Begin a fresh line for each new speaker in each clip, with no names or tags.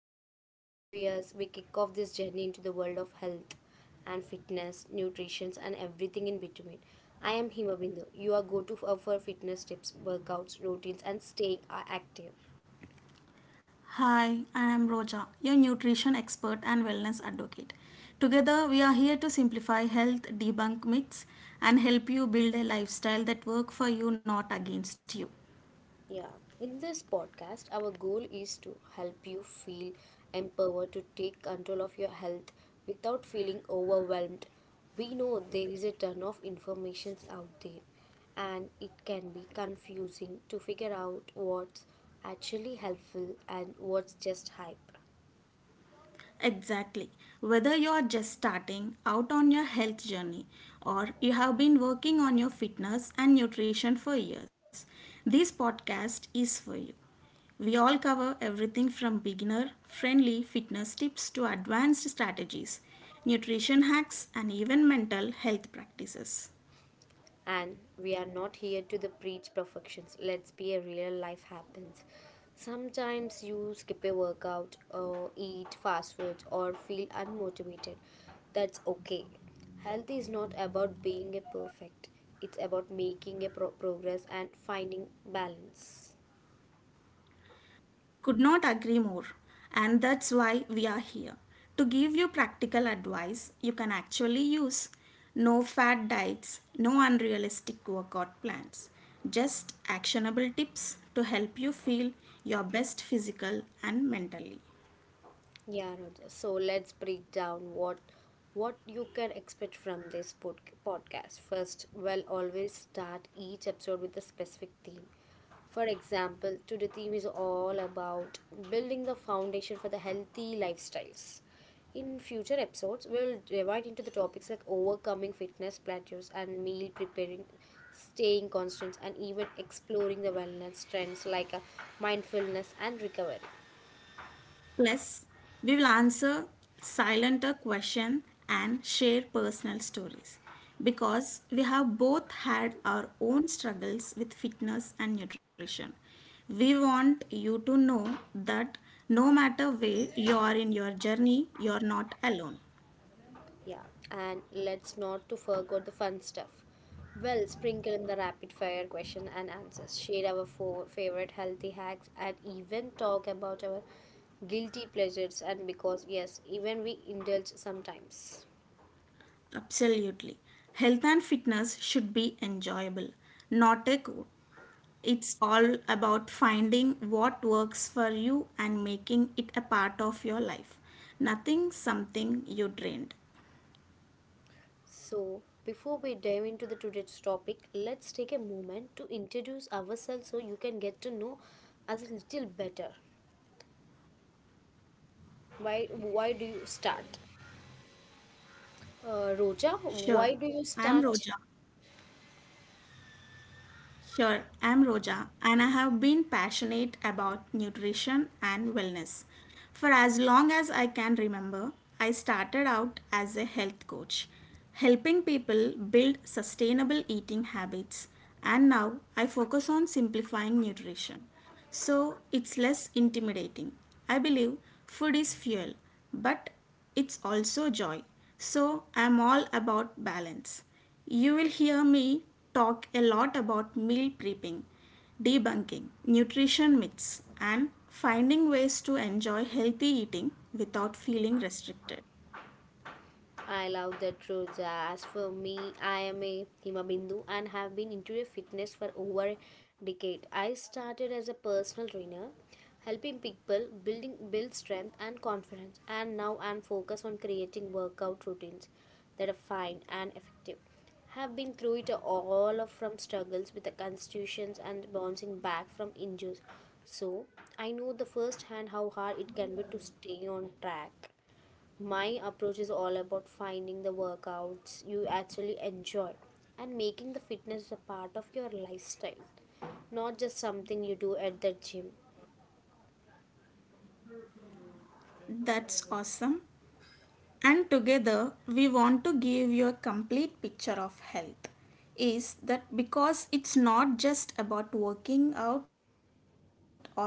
excited to have you here as we kick off this journey into the world of health and fitness, nutrition, and everything in between. I am Hima Bindu, your go to for fitness tips, workouts, routines, and staying active.
Hi, I am Roja, your nutrition expert and wellness advocate. Together, we are here to simplify health, debunk myths, and help you build a lifestyle that works for you, not against you.
Yeah, in this podcast, our goal is to help you feel empowered to take control of your health without feeling overwhelmed. We know there is a ton of information out there, and it can be confusing to figure out what's actually helpful and what's just hype.
Exactly. Whether you are just starting out on your health journey or you have been working on your fitness and nutrition for years, this podcast is for you. We all cover everything from beginner friendly fitness tips to advanced strategies, nutrition hacks, and even mental health practices.
And we are not here to the preach perfections. Let's be a real, life happens. Sometimes you skip a workout or eat fast food or feel unmotivated. That's okay. Health is not about being a perfect, it's about making progress and finding balance.
Could not agree more. And that's why we are here to give you practical advice you can actually use. No fad diets, no unrealistic workout plans, just actionable tips to help you feel your best physical and mentally.
Yeah, Roger. So let's break down what you can expect from this podcast. First, we'll always start each episode with a specific theme. For example, today theme is all about building the foundation for the healthy lifestyles. In future episodes, we'll divide into the topics like overcoming fitness plateaus and meal preparing, staying constant, and even exploring the wellness trends like mindfulness and recovery.
Plus, we will answer silenter question and share personal stories because we have both had our own struggles with fitness and nutrition. We want you to know that no matter where you are in your journey, you are not alone.
Yeah, and let's not to forget the fun stuff. Well, sprinkle in the rapid fire question and answers. Share our favorite healthy hacks and even talk about our guilty pleasures and because yes, even we indulge sometimes.
Absolutely. Health and fitness should be enjoyable, not a chore. It's all about finding what works for you and making it a part of your life. Nothing something you drained.
So, before we dive into the today's topic, let's take a moment to introduce ourselves so you can get to know us a little better. Why do you start? Roja,
Sure.
why
I
do
am
you
Roja.
start?
Sure, I'm Roja and I have been passionate about nutrition and wellness. For as long as I can remember, I started out as a health coach, helping people build sustainable eating habits, and now I focus on simplifying nutrition. So it's less intimidating. I believe food is fuel, but it's also joy. So I'm all about balance. You will hear me talk a lot about meal prepping, debunking, nutrition myths, and finding ways to enjoy healthy eating without feeling restricted.
I love that truth. As for me, I am a Himabindu and have been into a fitness for over a decade. I started as a personal trainer, helping people build strength and confidence, and now I'm focused on creating workout routines that are fine and effective. Have been through it all of from struggles with the constitutions and bouncing back from injuries. So I know the first hand how hard it can be to stay on track. My approach is all about finding the workouts you actually enjoy and making the fitness a part of your lifestyle, not just something you do at the gym.
That's awesome. And together, we want to give you a complete picture of health, is that, because it's not just about working out or eating well,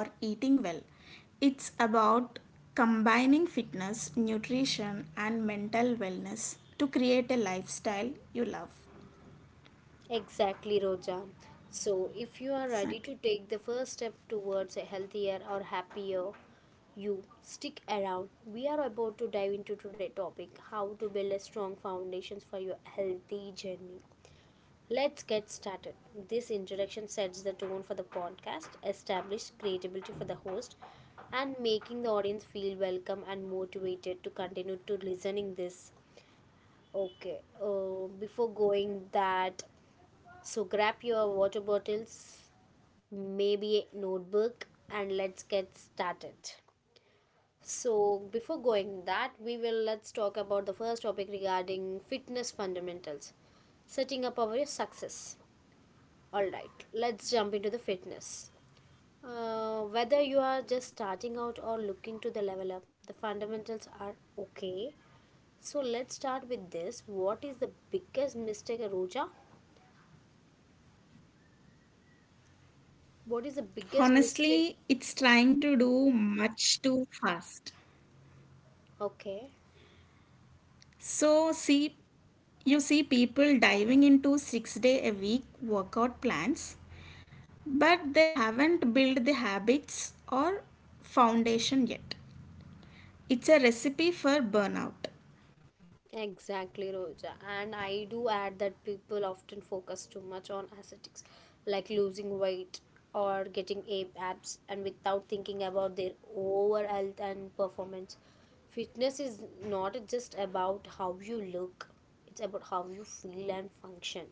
it's about combining fitness, nutrition, and mental wellness to create a lifestyle you love.
Exactly, Roja. So, if you are
Exactly.
ready to take the first step towards a healthier or happier you, stick around. We are about to dive into today's topic, how to build a strong foundations for your healthy journey. Let's get started. This introduction sets the tone for the podcast, establishes credibility for the host, and making the audience feel welcome and motivated to continue to listening this. Okay, before going that, so grab your water bottles, maybe a notebook, and let's get started. So before going that, we will let's talk about the first topic regarding fitness fundamentals, setting up our success. All right, let's jump into the fitness. Whether you are just starting out or looking to the level up, the fundamentals are okay. So let's start with this. What is the biggest mistake, Roja? What is the biggest mistake?
Honestly, it's trying to do much too fast.
Okay.
So see, you see people diving into 6 day a week workout plans, but they haven't built the habits or foundation yet. It's a recipe for burnout.
Exactly, Roja. And I do add that people often focus too much on aesthetics, like losing weight or getting abs, and without thinking about their overall health and performance. Fitness is not just about how you look, it's about how you feel and function.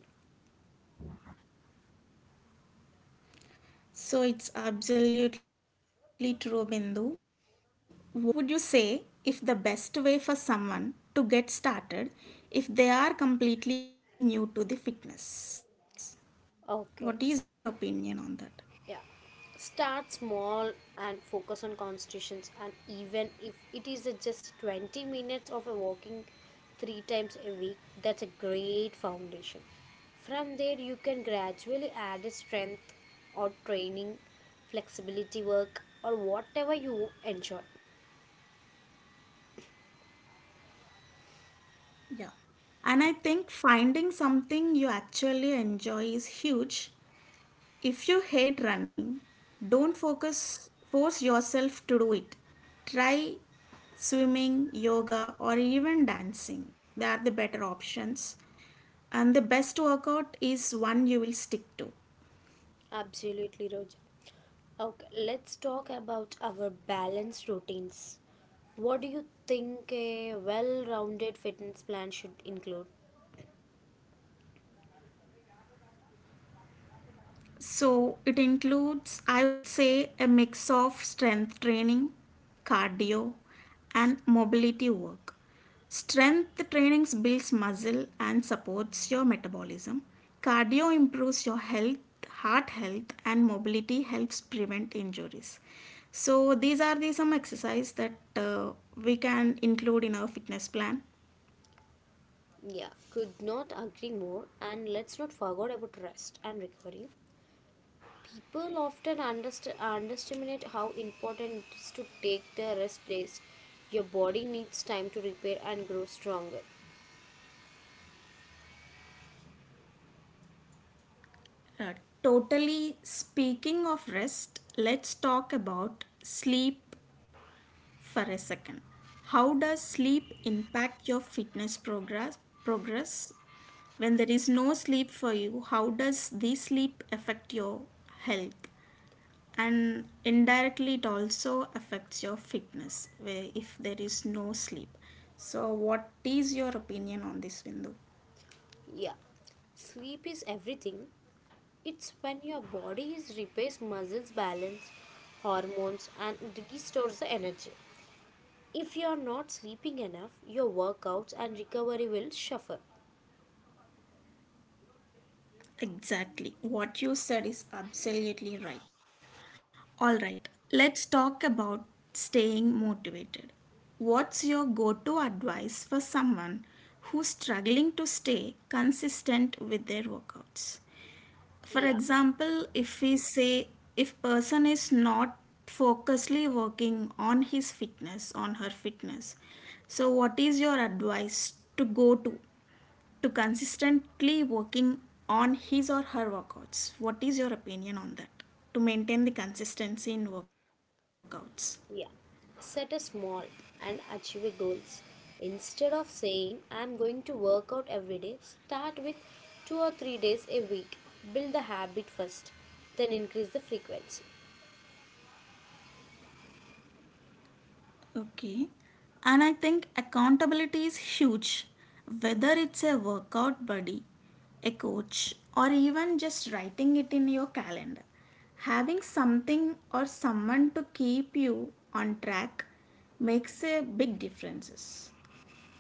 So it's absolutely true, Bindu. What would you say if the best way for someone to get started if they are completely new to the fitness? What is your opinion
Okay.
on that?
Yeah, start small and focus on constitutions. And even if it is a just 20 minutes of a walking three times a week, that's a great foundation. From there, you can gradually add a strength or training, flexibility work, or whatever you enjoy.
Yeah. And I think finding something you actually enjoy is huge. If you hate running, don't focus force yourself to do it. Try swimming, yoga, or even dancing. They are the better options, and the best workout is one you will stick to.
Absolutely, Roja. Okay, let's talk about our balanced routines. What do you think a well rounded fitness plan should include?
So it includes, I would say, a mix of strength training, cardio, and mobility work. Strength trainings builds muscle and supports your metabolism. Cardio improves your health, heart health, and mobility helps prevent injuries. So these are the some exercise that we can include in our fitness plan.
Yeah, could not agree more. And let's not forget about rest and recovery. People often underestimate how important it is to take the rest days. Your body needs time to repair and grow stronger.
Uh, totally speaking of rest, let's talk about sleep for a second. How does sleep impact your fitness progress? Progress when there is no sleep for you, how does this sleep affect your health? And indirectly, it also affects your fitness where if there is no sleep. So, what is your opinion on this, Bindu?
Yeah, sleep is everything. It's when your body is repairs muscles balance, hormones, and restores the energy. If you are not sleeping enough, your workouts and recovery will suffer.
Exactly. What you said is absolutely right. All right, let's talk about staying motivated. What's your go to advice for someone who's struggling to stay consistent with their workouts? For
Yeah.
example, if we say if person is not focusedly working on his fitness, on her fitness, so what is your advice to go to consistently working on his or her workouts. What is your opinion on that? To maintain the consistency in workouts.
Yeah. Set a small and achievable goals. Instead of saying I'm going to work out every day, start with 2 or 3 days a week. Build the habit first, then increase the frequency.
Okay. And I think accountability is huge, whether it's a workout buddy, a coach, or even just writing it in your calendar. Having something or someone to keep you on track makes a big difference.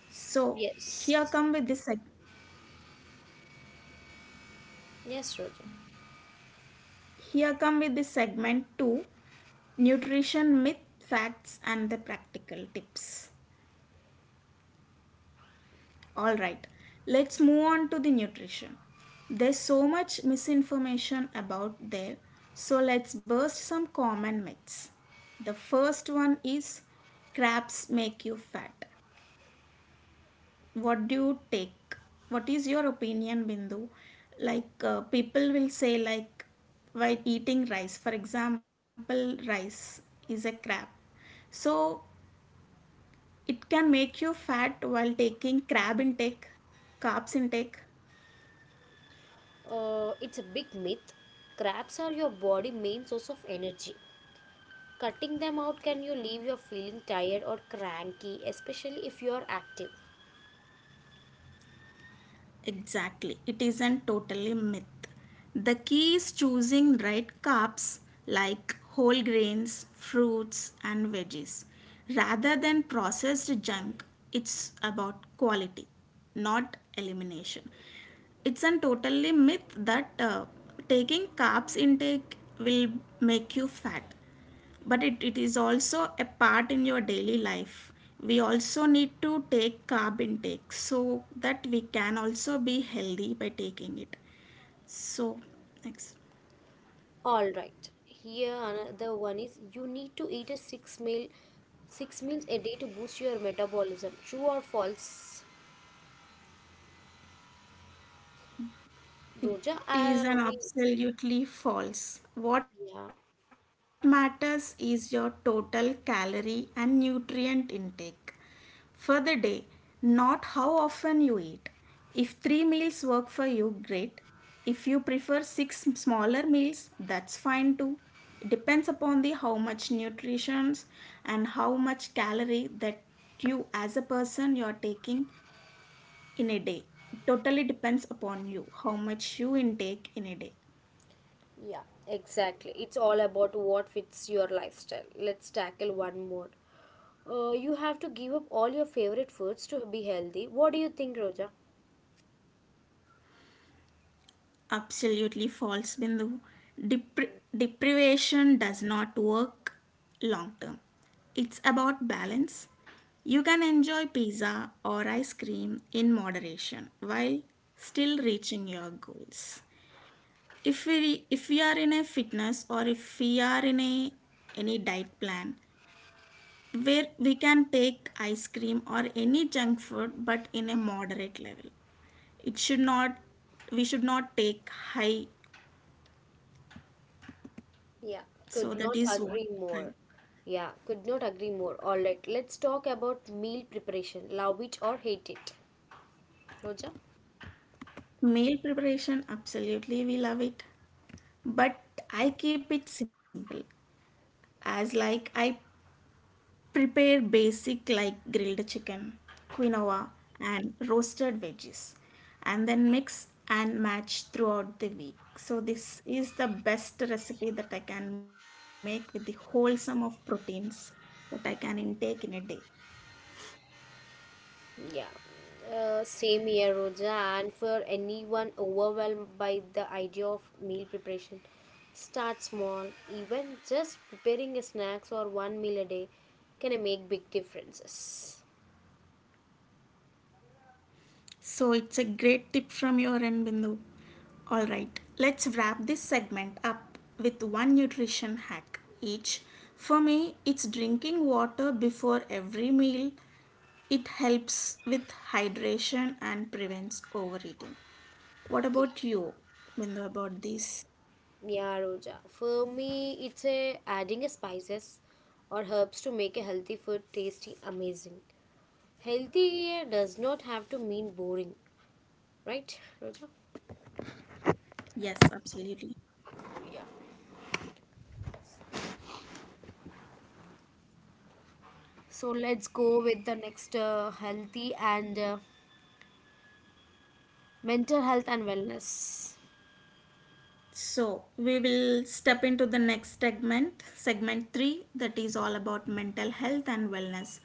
So here
Yes.
come with this.
Yes, Roger.
Here come with the segment 2, nutrition myth facts and the practical tips. All right. Let's move on to the nutrition. There's so much misinformation about there, so let's burst some common myths. The first one is crabs make you fat. What do you take, what is your opinion, Bindu? Like people will say like, while eating rice, for example, rice is a crab, so it can make you fat while taking crab intake, carbs intake.
It's a big myth. Crabs are your body main source of energy. Cutting them out can you leave you feeling tired or cranky, especially if you are active.
Exactly, it isn't totally myth. The key is choosing right carbs like whole grains, fruits, and veggies rather than processed junk. It's about quality, not elimination. It's a totally myth that taking carbs intake will make you fat, but it is also a part in your daily life. We also need to take carb intake so that we can also be healthy by taking it. So next.
All right. Here another one is you need to eat a six meal six meals a day to boost your metabolism. True or false, Roja?
It is an absolutely false. What
Yeah,
matters is your total calorie and nutrient intake for the day, not how often you eat. If three meals work for you, great. If you prefer six smaller meals, that's fine too. It depends upon the how much nutrition and how much calorie that you as a person you are taking in a day. It totally depends upon you how much you intake in a day.
yeah, exactly. It's all about what fits your lifestyle. Let's tackle one more. You have to give up all your favorite foods to be healthy. What do you think, Roja?
Absolutely false, Bindu. Depri- Deprivation does not work long term. It's about balance. You can enjoy pizza or ice cream in moderation while still reaching your goals. If we are in a fitness, or if we are in a any diet plan where we can take ice cream or any junk food, but in a moderate level. It should not, we should not take high.
Yeah,
So
could
that
not
is what
agree
I.
more. Yeah, could not agree more. All right, let's talk about meal preparation. Love it or hate it. Roja?
Meal preparation, absolutely we love it. But I keep it simple. As like I prepare basic like grilled chicken, quinoa, and roasted veggies, and then mix and match throughout the week. So this is the best recipe that I can make with the wholesome of proteins that I can intake in a day.
Yeah, same here, Roja. And for anyone overwhelmed by the idea of meal preparation, start small. Even just preparing a snacks or one meal a day can make big differences.
So it's a great tip from your end, Bindu. All right, let's wrap this segment up with one nutrition hack each. For me, it's drinking water before every meal. It helps with hydration and prevents overeating. What
Yeah.
about you, Bindu, about this?
Yeah, Roja. For me, it's a adding a spices or herbs to make a healthy food tasty amazing. Healthy here does not have to mean boring, right, Roja?
Yes, absolutely.
So let's go with the next healthy and mental health and wellness.
So we will step into the next segment, segment three, that is all about mental health and wellness,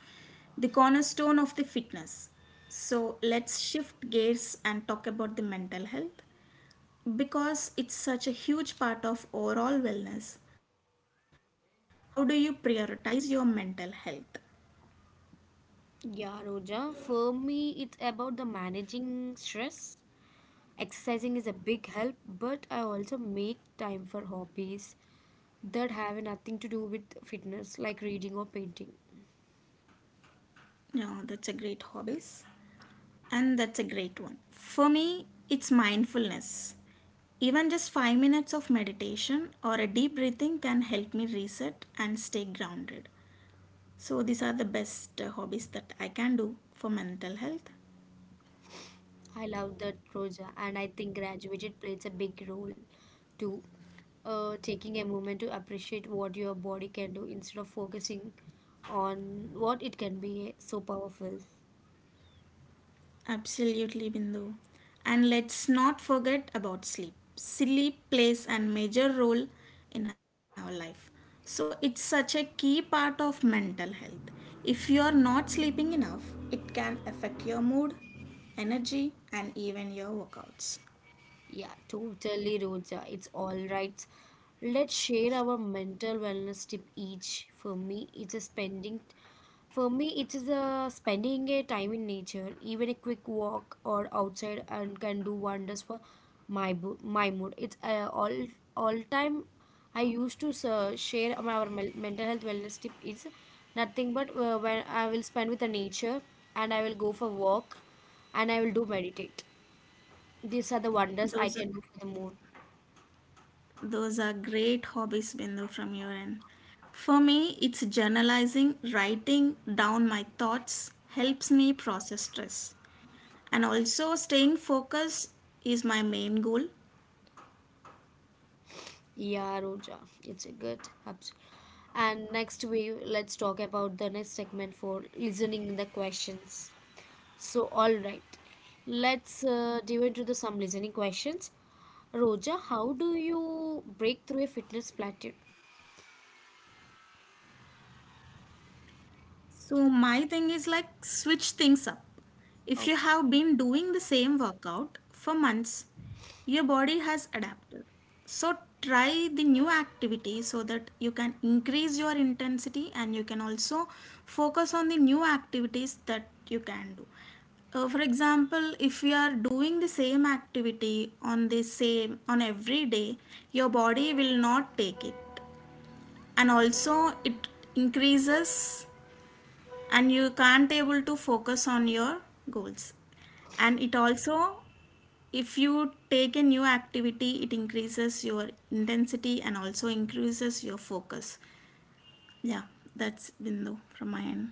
the cornerstone of the fitness. So let's shift gears and talk about the mental health because it's such a huge part of overall wellness. How do you prioritize your mental health?
Yeah, Roja. For me, it's about the managing stress. Exercising is a big help, but I also make time for hobbies that have nothing to do with fitness, like reading or painting.
Yeah, that's a great hobbies, and that's a great one. For me, it's mindfulness. Even just 5 minutes of meditation or a deep breathing can help me reset and stay grounded. So, these are the best hobbies that I can do for mental health.
I love that, Roja, and I think graduated plays a big role too. Taking a moment to appreciate what your body can do instead of focusing on what it can be so powerful.
Absolutely, Bindu. And let's not forget about sleep. Sleep plays a major role in our life. So, it's such a key part of mental health. If you are not sleeping enough, it can affect your mood, energy, and even your workouts.
Yeah, totally, Roja. It's all right. Let's share our mental wellness tip each. For me, it is a spending a time in nature, even a quick walk or outside, and can do wonders for my mood. It's all time. I used to share mental health wellness tip is nothing but when I will spend with the nature and I will go for walk and I will do meditate. These are the wonders I
Those
can do for the moon.
Those are great hobbies, Bindu, from your end. For me, it's journalizing, writing down my thoughts helps me process stress. And also, staying focused is my main goal.
Yeah, Roja, it's a good. Abs- And next we Let's talk about the next segment for listening the questions. So all right, let's dive into the some listening questions. Roja, how do you break through a fitness plateau?
So, my thing is like switch things up. If you have been doing
Oh,
the same workout for months, your body has adapted. So, try the new activity so that you can increase your intensity, and you can also focus on the new activities that you can do. For example, if you are doing the same activity on the same on every day, your body will not take it, and also it increases, and you can't able to focus on your goals. And it also, if you take a new activity, it increases your intensity and also increases your focus. Yeah, that's Bindu from my end.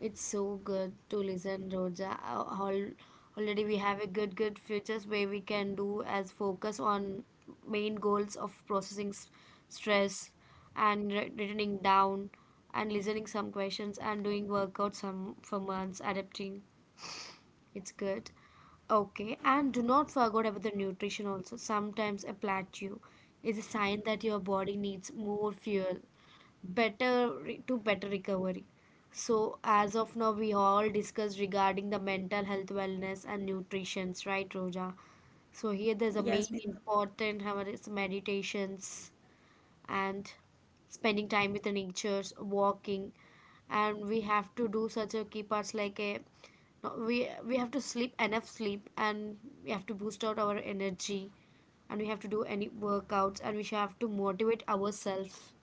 it's so good to listen, Roja. Already we have a good, good futures where we can do as focus on main goals of processing stress and writing down and listening some questions and doing workouts some for months, adapting. It's good. Okay, and do not forget about the nutrition also. Sometimes a plateau is a sign that your body needs more fuel, better re- to better recovery. So as of now, we all discussed regarding the mental health, wellness, and nutrition's right, Roja? So here there's a main
Yes, Bindu.
important, however, is meditations and spending time with the natures walking and we have to do such a key parts like a no, we have to sleep enough sleep and we have to boost out our energy and we have to do any workouts and we should have to motivate ourselves,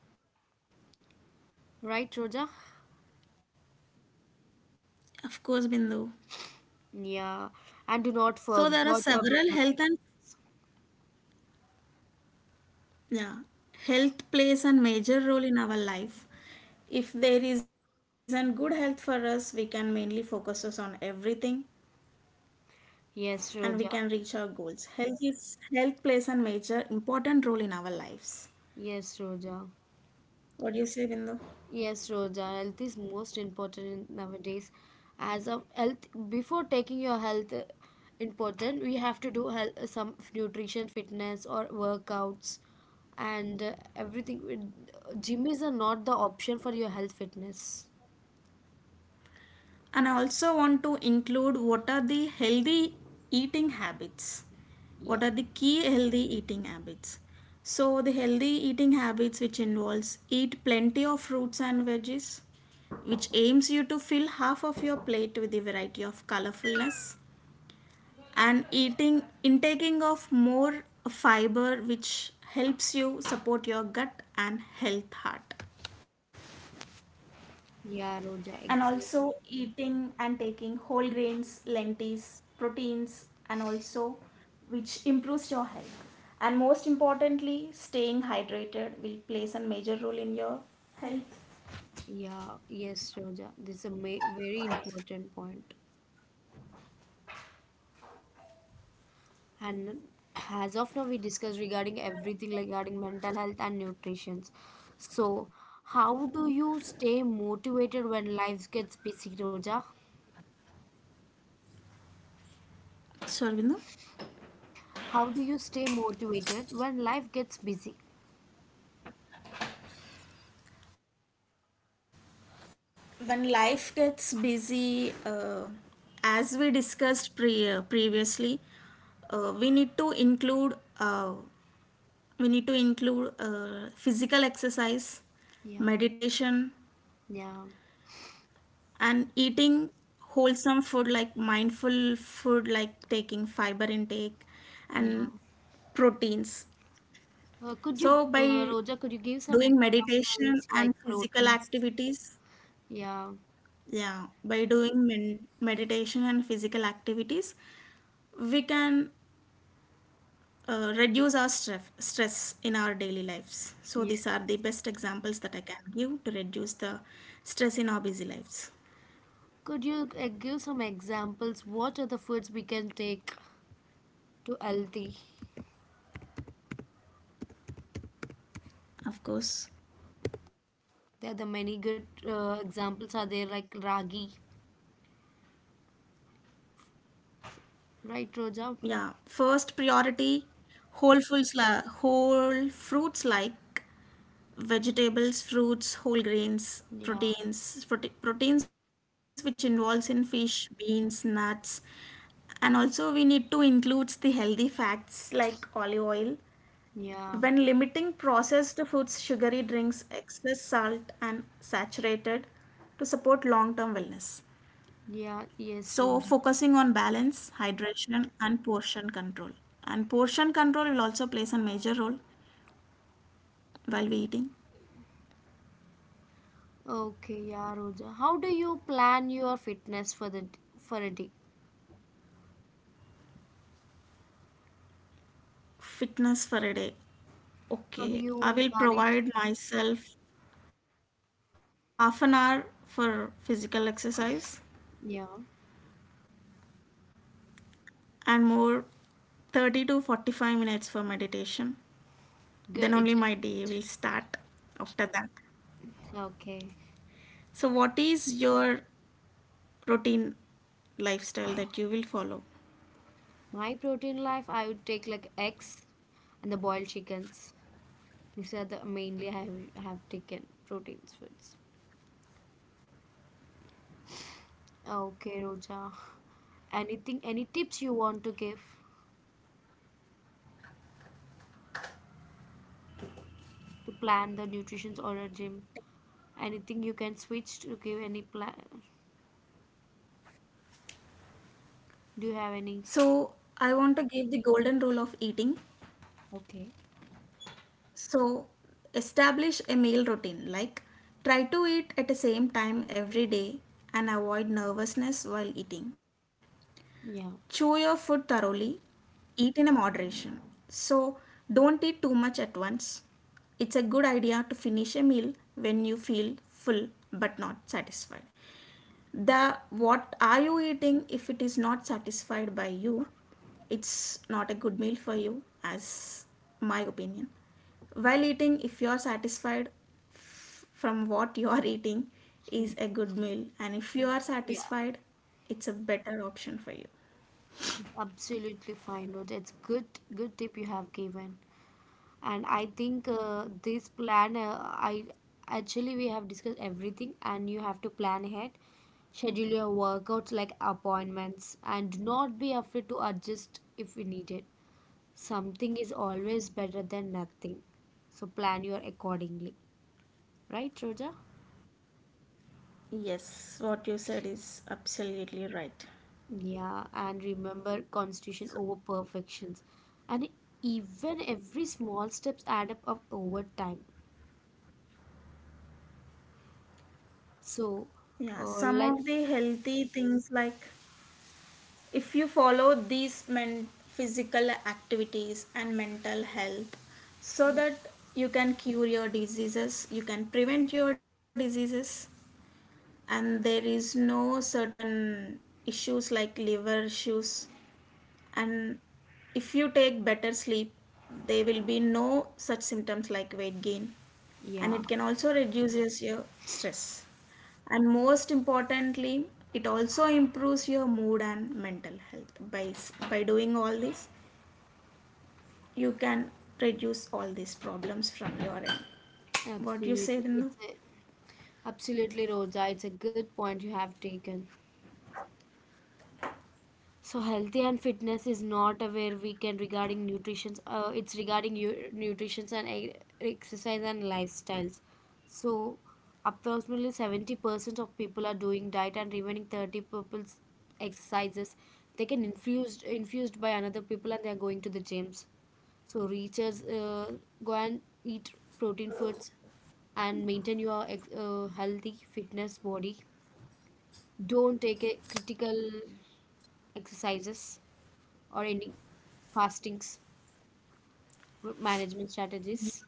right, Roja?
Of course, Bindu.
Yeah, and
So
do
there are
not forget
several health
about
and, yeah, health plays a major role in our life. If there isn't good health for us, we can mainly focus us on everything, and we
yes,
can
Roja.
reach our goals. Health is, health plays a major important role in our lives.
Yes, Roja,
What do you say, Bindu?
Yes, Roja, health is most important nowadays. As of health, before taking your health important, we have to do health, some nutrition, fitness, or workouts, and everything. It- Gym is not the option for your health fitness.
And I also want to include what are the healthy eating habits.
Yeah,
What are the key healthy eating habits? So the healthy eating habits which involves eat plenty of fruits and veggies, which aims you to fill half of your plate with a variety of colorfulness, and eating intaking of more fiber, which helps you support your gut and health heart,
yeah, Roja,
and also
exactly.
eating and taking whole grains, lentils, proteins, and also which improves your health. And most importantly, staying hydrated will plays a major role in your health.
Yeah, yes, Roja. This is a very important point. And as of now, we discussed regarding everything regarding mental health and nutrition. So, how do you stay motivated when life gets busy, Roja?
Sure, Arvindo?
How do you stay motivated when life gets busy?
When life gets busy, as we discussed previously, we need to include uh, we need to include physical exercise,
Yeah.
meditation,
Yeah,
and eating wholesome food, like mindful food, like taking fiber intake and
yeah.
proteins.
Uh, could
So
you, uh,
by
Roja, could you give some
doing
examples
meditation
like
and physical
proteins?
activities.
Yeah.
Yeah, by doing meditation and physical activities, we can reduce our stress in our daily lives. So
Yes.
these are the best examples that I can give to reduce the stress in our busy lives.
Could you give some examples? What are the foods we can take to healthy?
Of course,
There are the many good examples are there like Ragi,
yeah.
right,
First
Roja?
priority, whole fruits like vegetables, fruits, whole grains, proteins,
Yeah,
proteins, which involves in fish, beans, nuts, and also we need to include the healthy fats like olive oil. When limiting
yeah,
processed foods, sugary drinks, excess salt, and saturated to support long term wellness.
yeah,
So,
yes,
focusing on
Roja.
balance, hydration, and portion control. And portion control will also plays a major role while we eating.
Okay, yeah, Roja. How do you plan your fitness for for a day?
Fitness for a day.
How do you
Okay,
manage?
I will provide myself half an hour for physical exercise
Yeah,
and more 30 to 45 minutes for meditation.
good.
Then
It's good.
only my day will start after that.
Okay.
So, what is your routine lifestyle that you will follow?
My protein life, I would take like eggs and the boiled chickens. These are the mainly I have taken proteins foods. Okay, Roja. Anything, any tips you want to give to plan the nutrition or a gym? Anything you can switch to give any plan? Do you have any?
So, I want to give the golden rule of eating.
Okay.
So, establish a meal routine like try to eat at the same time every day and avoid nervousness while eating. Chew your
Yeah.
food thoroughly, eat in a moderation. So don't eat too much at once. It's a good idea to finish a meal when you feel full but not satisfied. The what are you eating, if it is not satisfied by you, it's not a good meal for you, as my opinion. While eating, if you are satisfied from what you are eating, is a good meal, and if you are
Yeah,
satisfied, it's a better option for you.
it's absolutely fine, Rohit. It's good, good tip you have given. And I think this plan, I actually we have discussed everything, and you have to plan ahead, schedule your workouts like appointments, and do not be afraid to adjust if we need it. Something is always better than nothing. So plan your accordingly, right, Roja?
Yes, what you said is absolutely right.
Yeah, and remember constitution
So,
over perfections. And even every small steps add up of over time. So,
yeah, some
let
of the healthy things like if you follow these men physical activities and mental health so that you can cure your diseases, you can prevent your diseases, and there is no certain issues like liver issues, and if you take better sleep there will be no such symptoms like weight gain, and
yeah,
it can also reduces your stress, and most importantly it also improves your mood and mental health by by doing all this you can reduce all these problems from your end. What do you say,
absolutely.
Dinu?
It's a, absolutely, Roja. It's a good point you have taken. So healthy and fitness is not aware we can regarding nutrition. It's regarding you, nutrition and exercise and lifestyles. So approximately 70% of people are doing diet and remaining 30 people's exercises. They can infused by another people and they are going to the gyms. So reachers go and eat protein foods and maintain healthy fitness body. Don't take a critical exercises or any fastings with management strategies.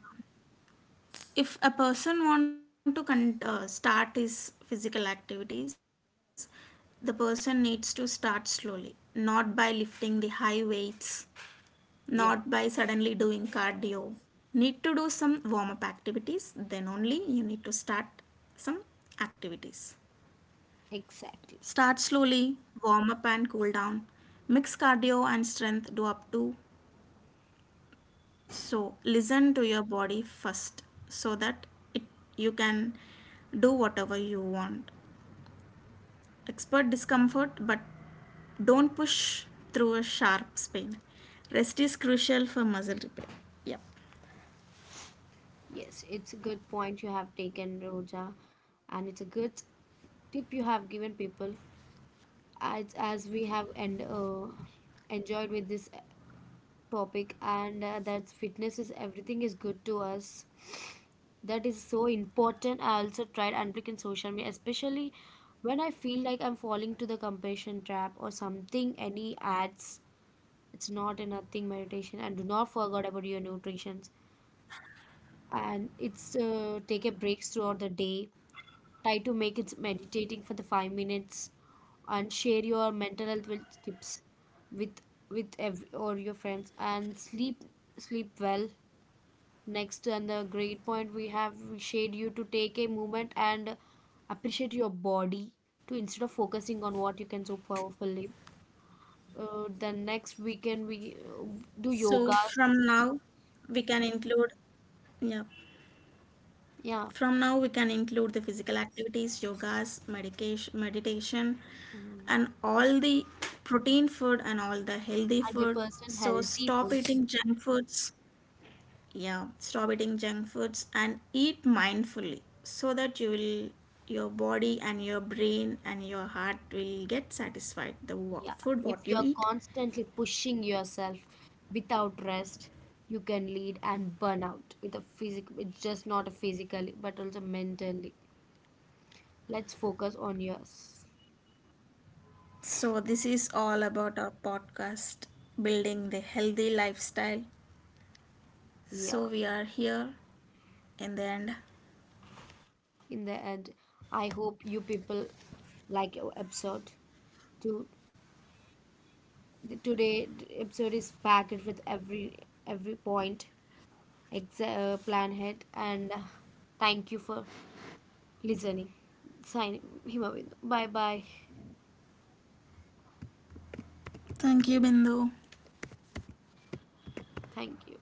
If a person want to start his physical activities, the person needs to start slowly, not by lifting the high weights, not by
Yeah,
suddenly doing cardio, need to do some warm up activities, then only you need to start some activities.
exactly.
Start slowly, warm up and cool down, mix cardio and strength do up to, so listen to your body first, so that it you can do whatever you want. Expert discomfort, but don't push through a sharp pain. Rest is crucial for muscle repair. Yeah.
Yes, it's a good point you have taken, Roja, and it's a good tip you have given people as we have and enjoyed with this topic and that fitness is everything is good to us. That is so important. I also tried unblinking social media, especially when I feel like I'm falling to the compassion trap or something any ads. It's not a nothing meditation. And do not forget about your nutrition. And it's take a breaks throughout the day. Try to make it meditating for the 5 minutes, and share your mental health tips with with every or your friends. And sleep well. Next, and the great point we shared you to take a moment and appreciate your body to instead of focusing on what you can so powerfully. Then next weekend
So
we
from now,
do
we can
yogas.
include, yeah. From now, we
Yeah,
can include the physical activities, yogas, medication, meditation, and
Mm,
all the protein food and all the healthy food. So
100%
stop
healthy food.
eating junk foods. Yeah, stop eating junk foods and eat mindfully so that you will your body and your brain and your heart will get satisfied the food
Yeah.
what you
If
eat.
you're constantly pushing yourself without rest, you can lead and burn out with a physical, it's just not a physically, but also mentally. Let's focus on yours.
So this is all about our podcast, building the healthy lifestyle. So
Yeah.
we are here in the end.
In the end, I hope you people like our episode. To the today episode is packed with every point, plan ahead, and thank you for listening, sign him away. Bye bye.
Thank you, Bindu.
Thank you.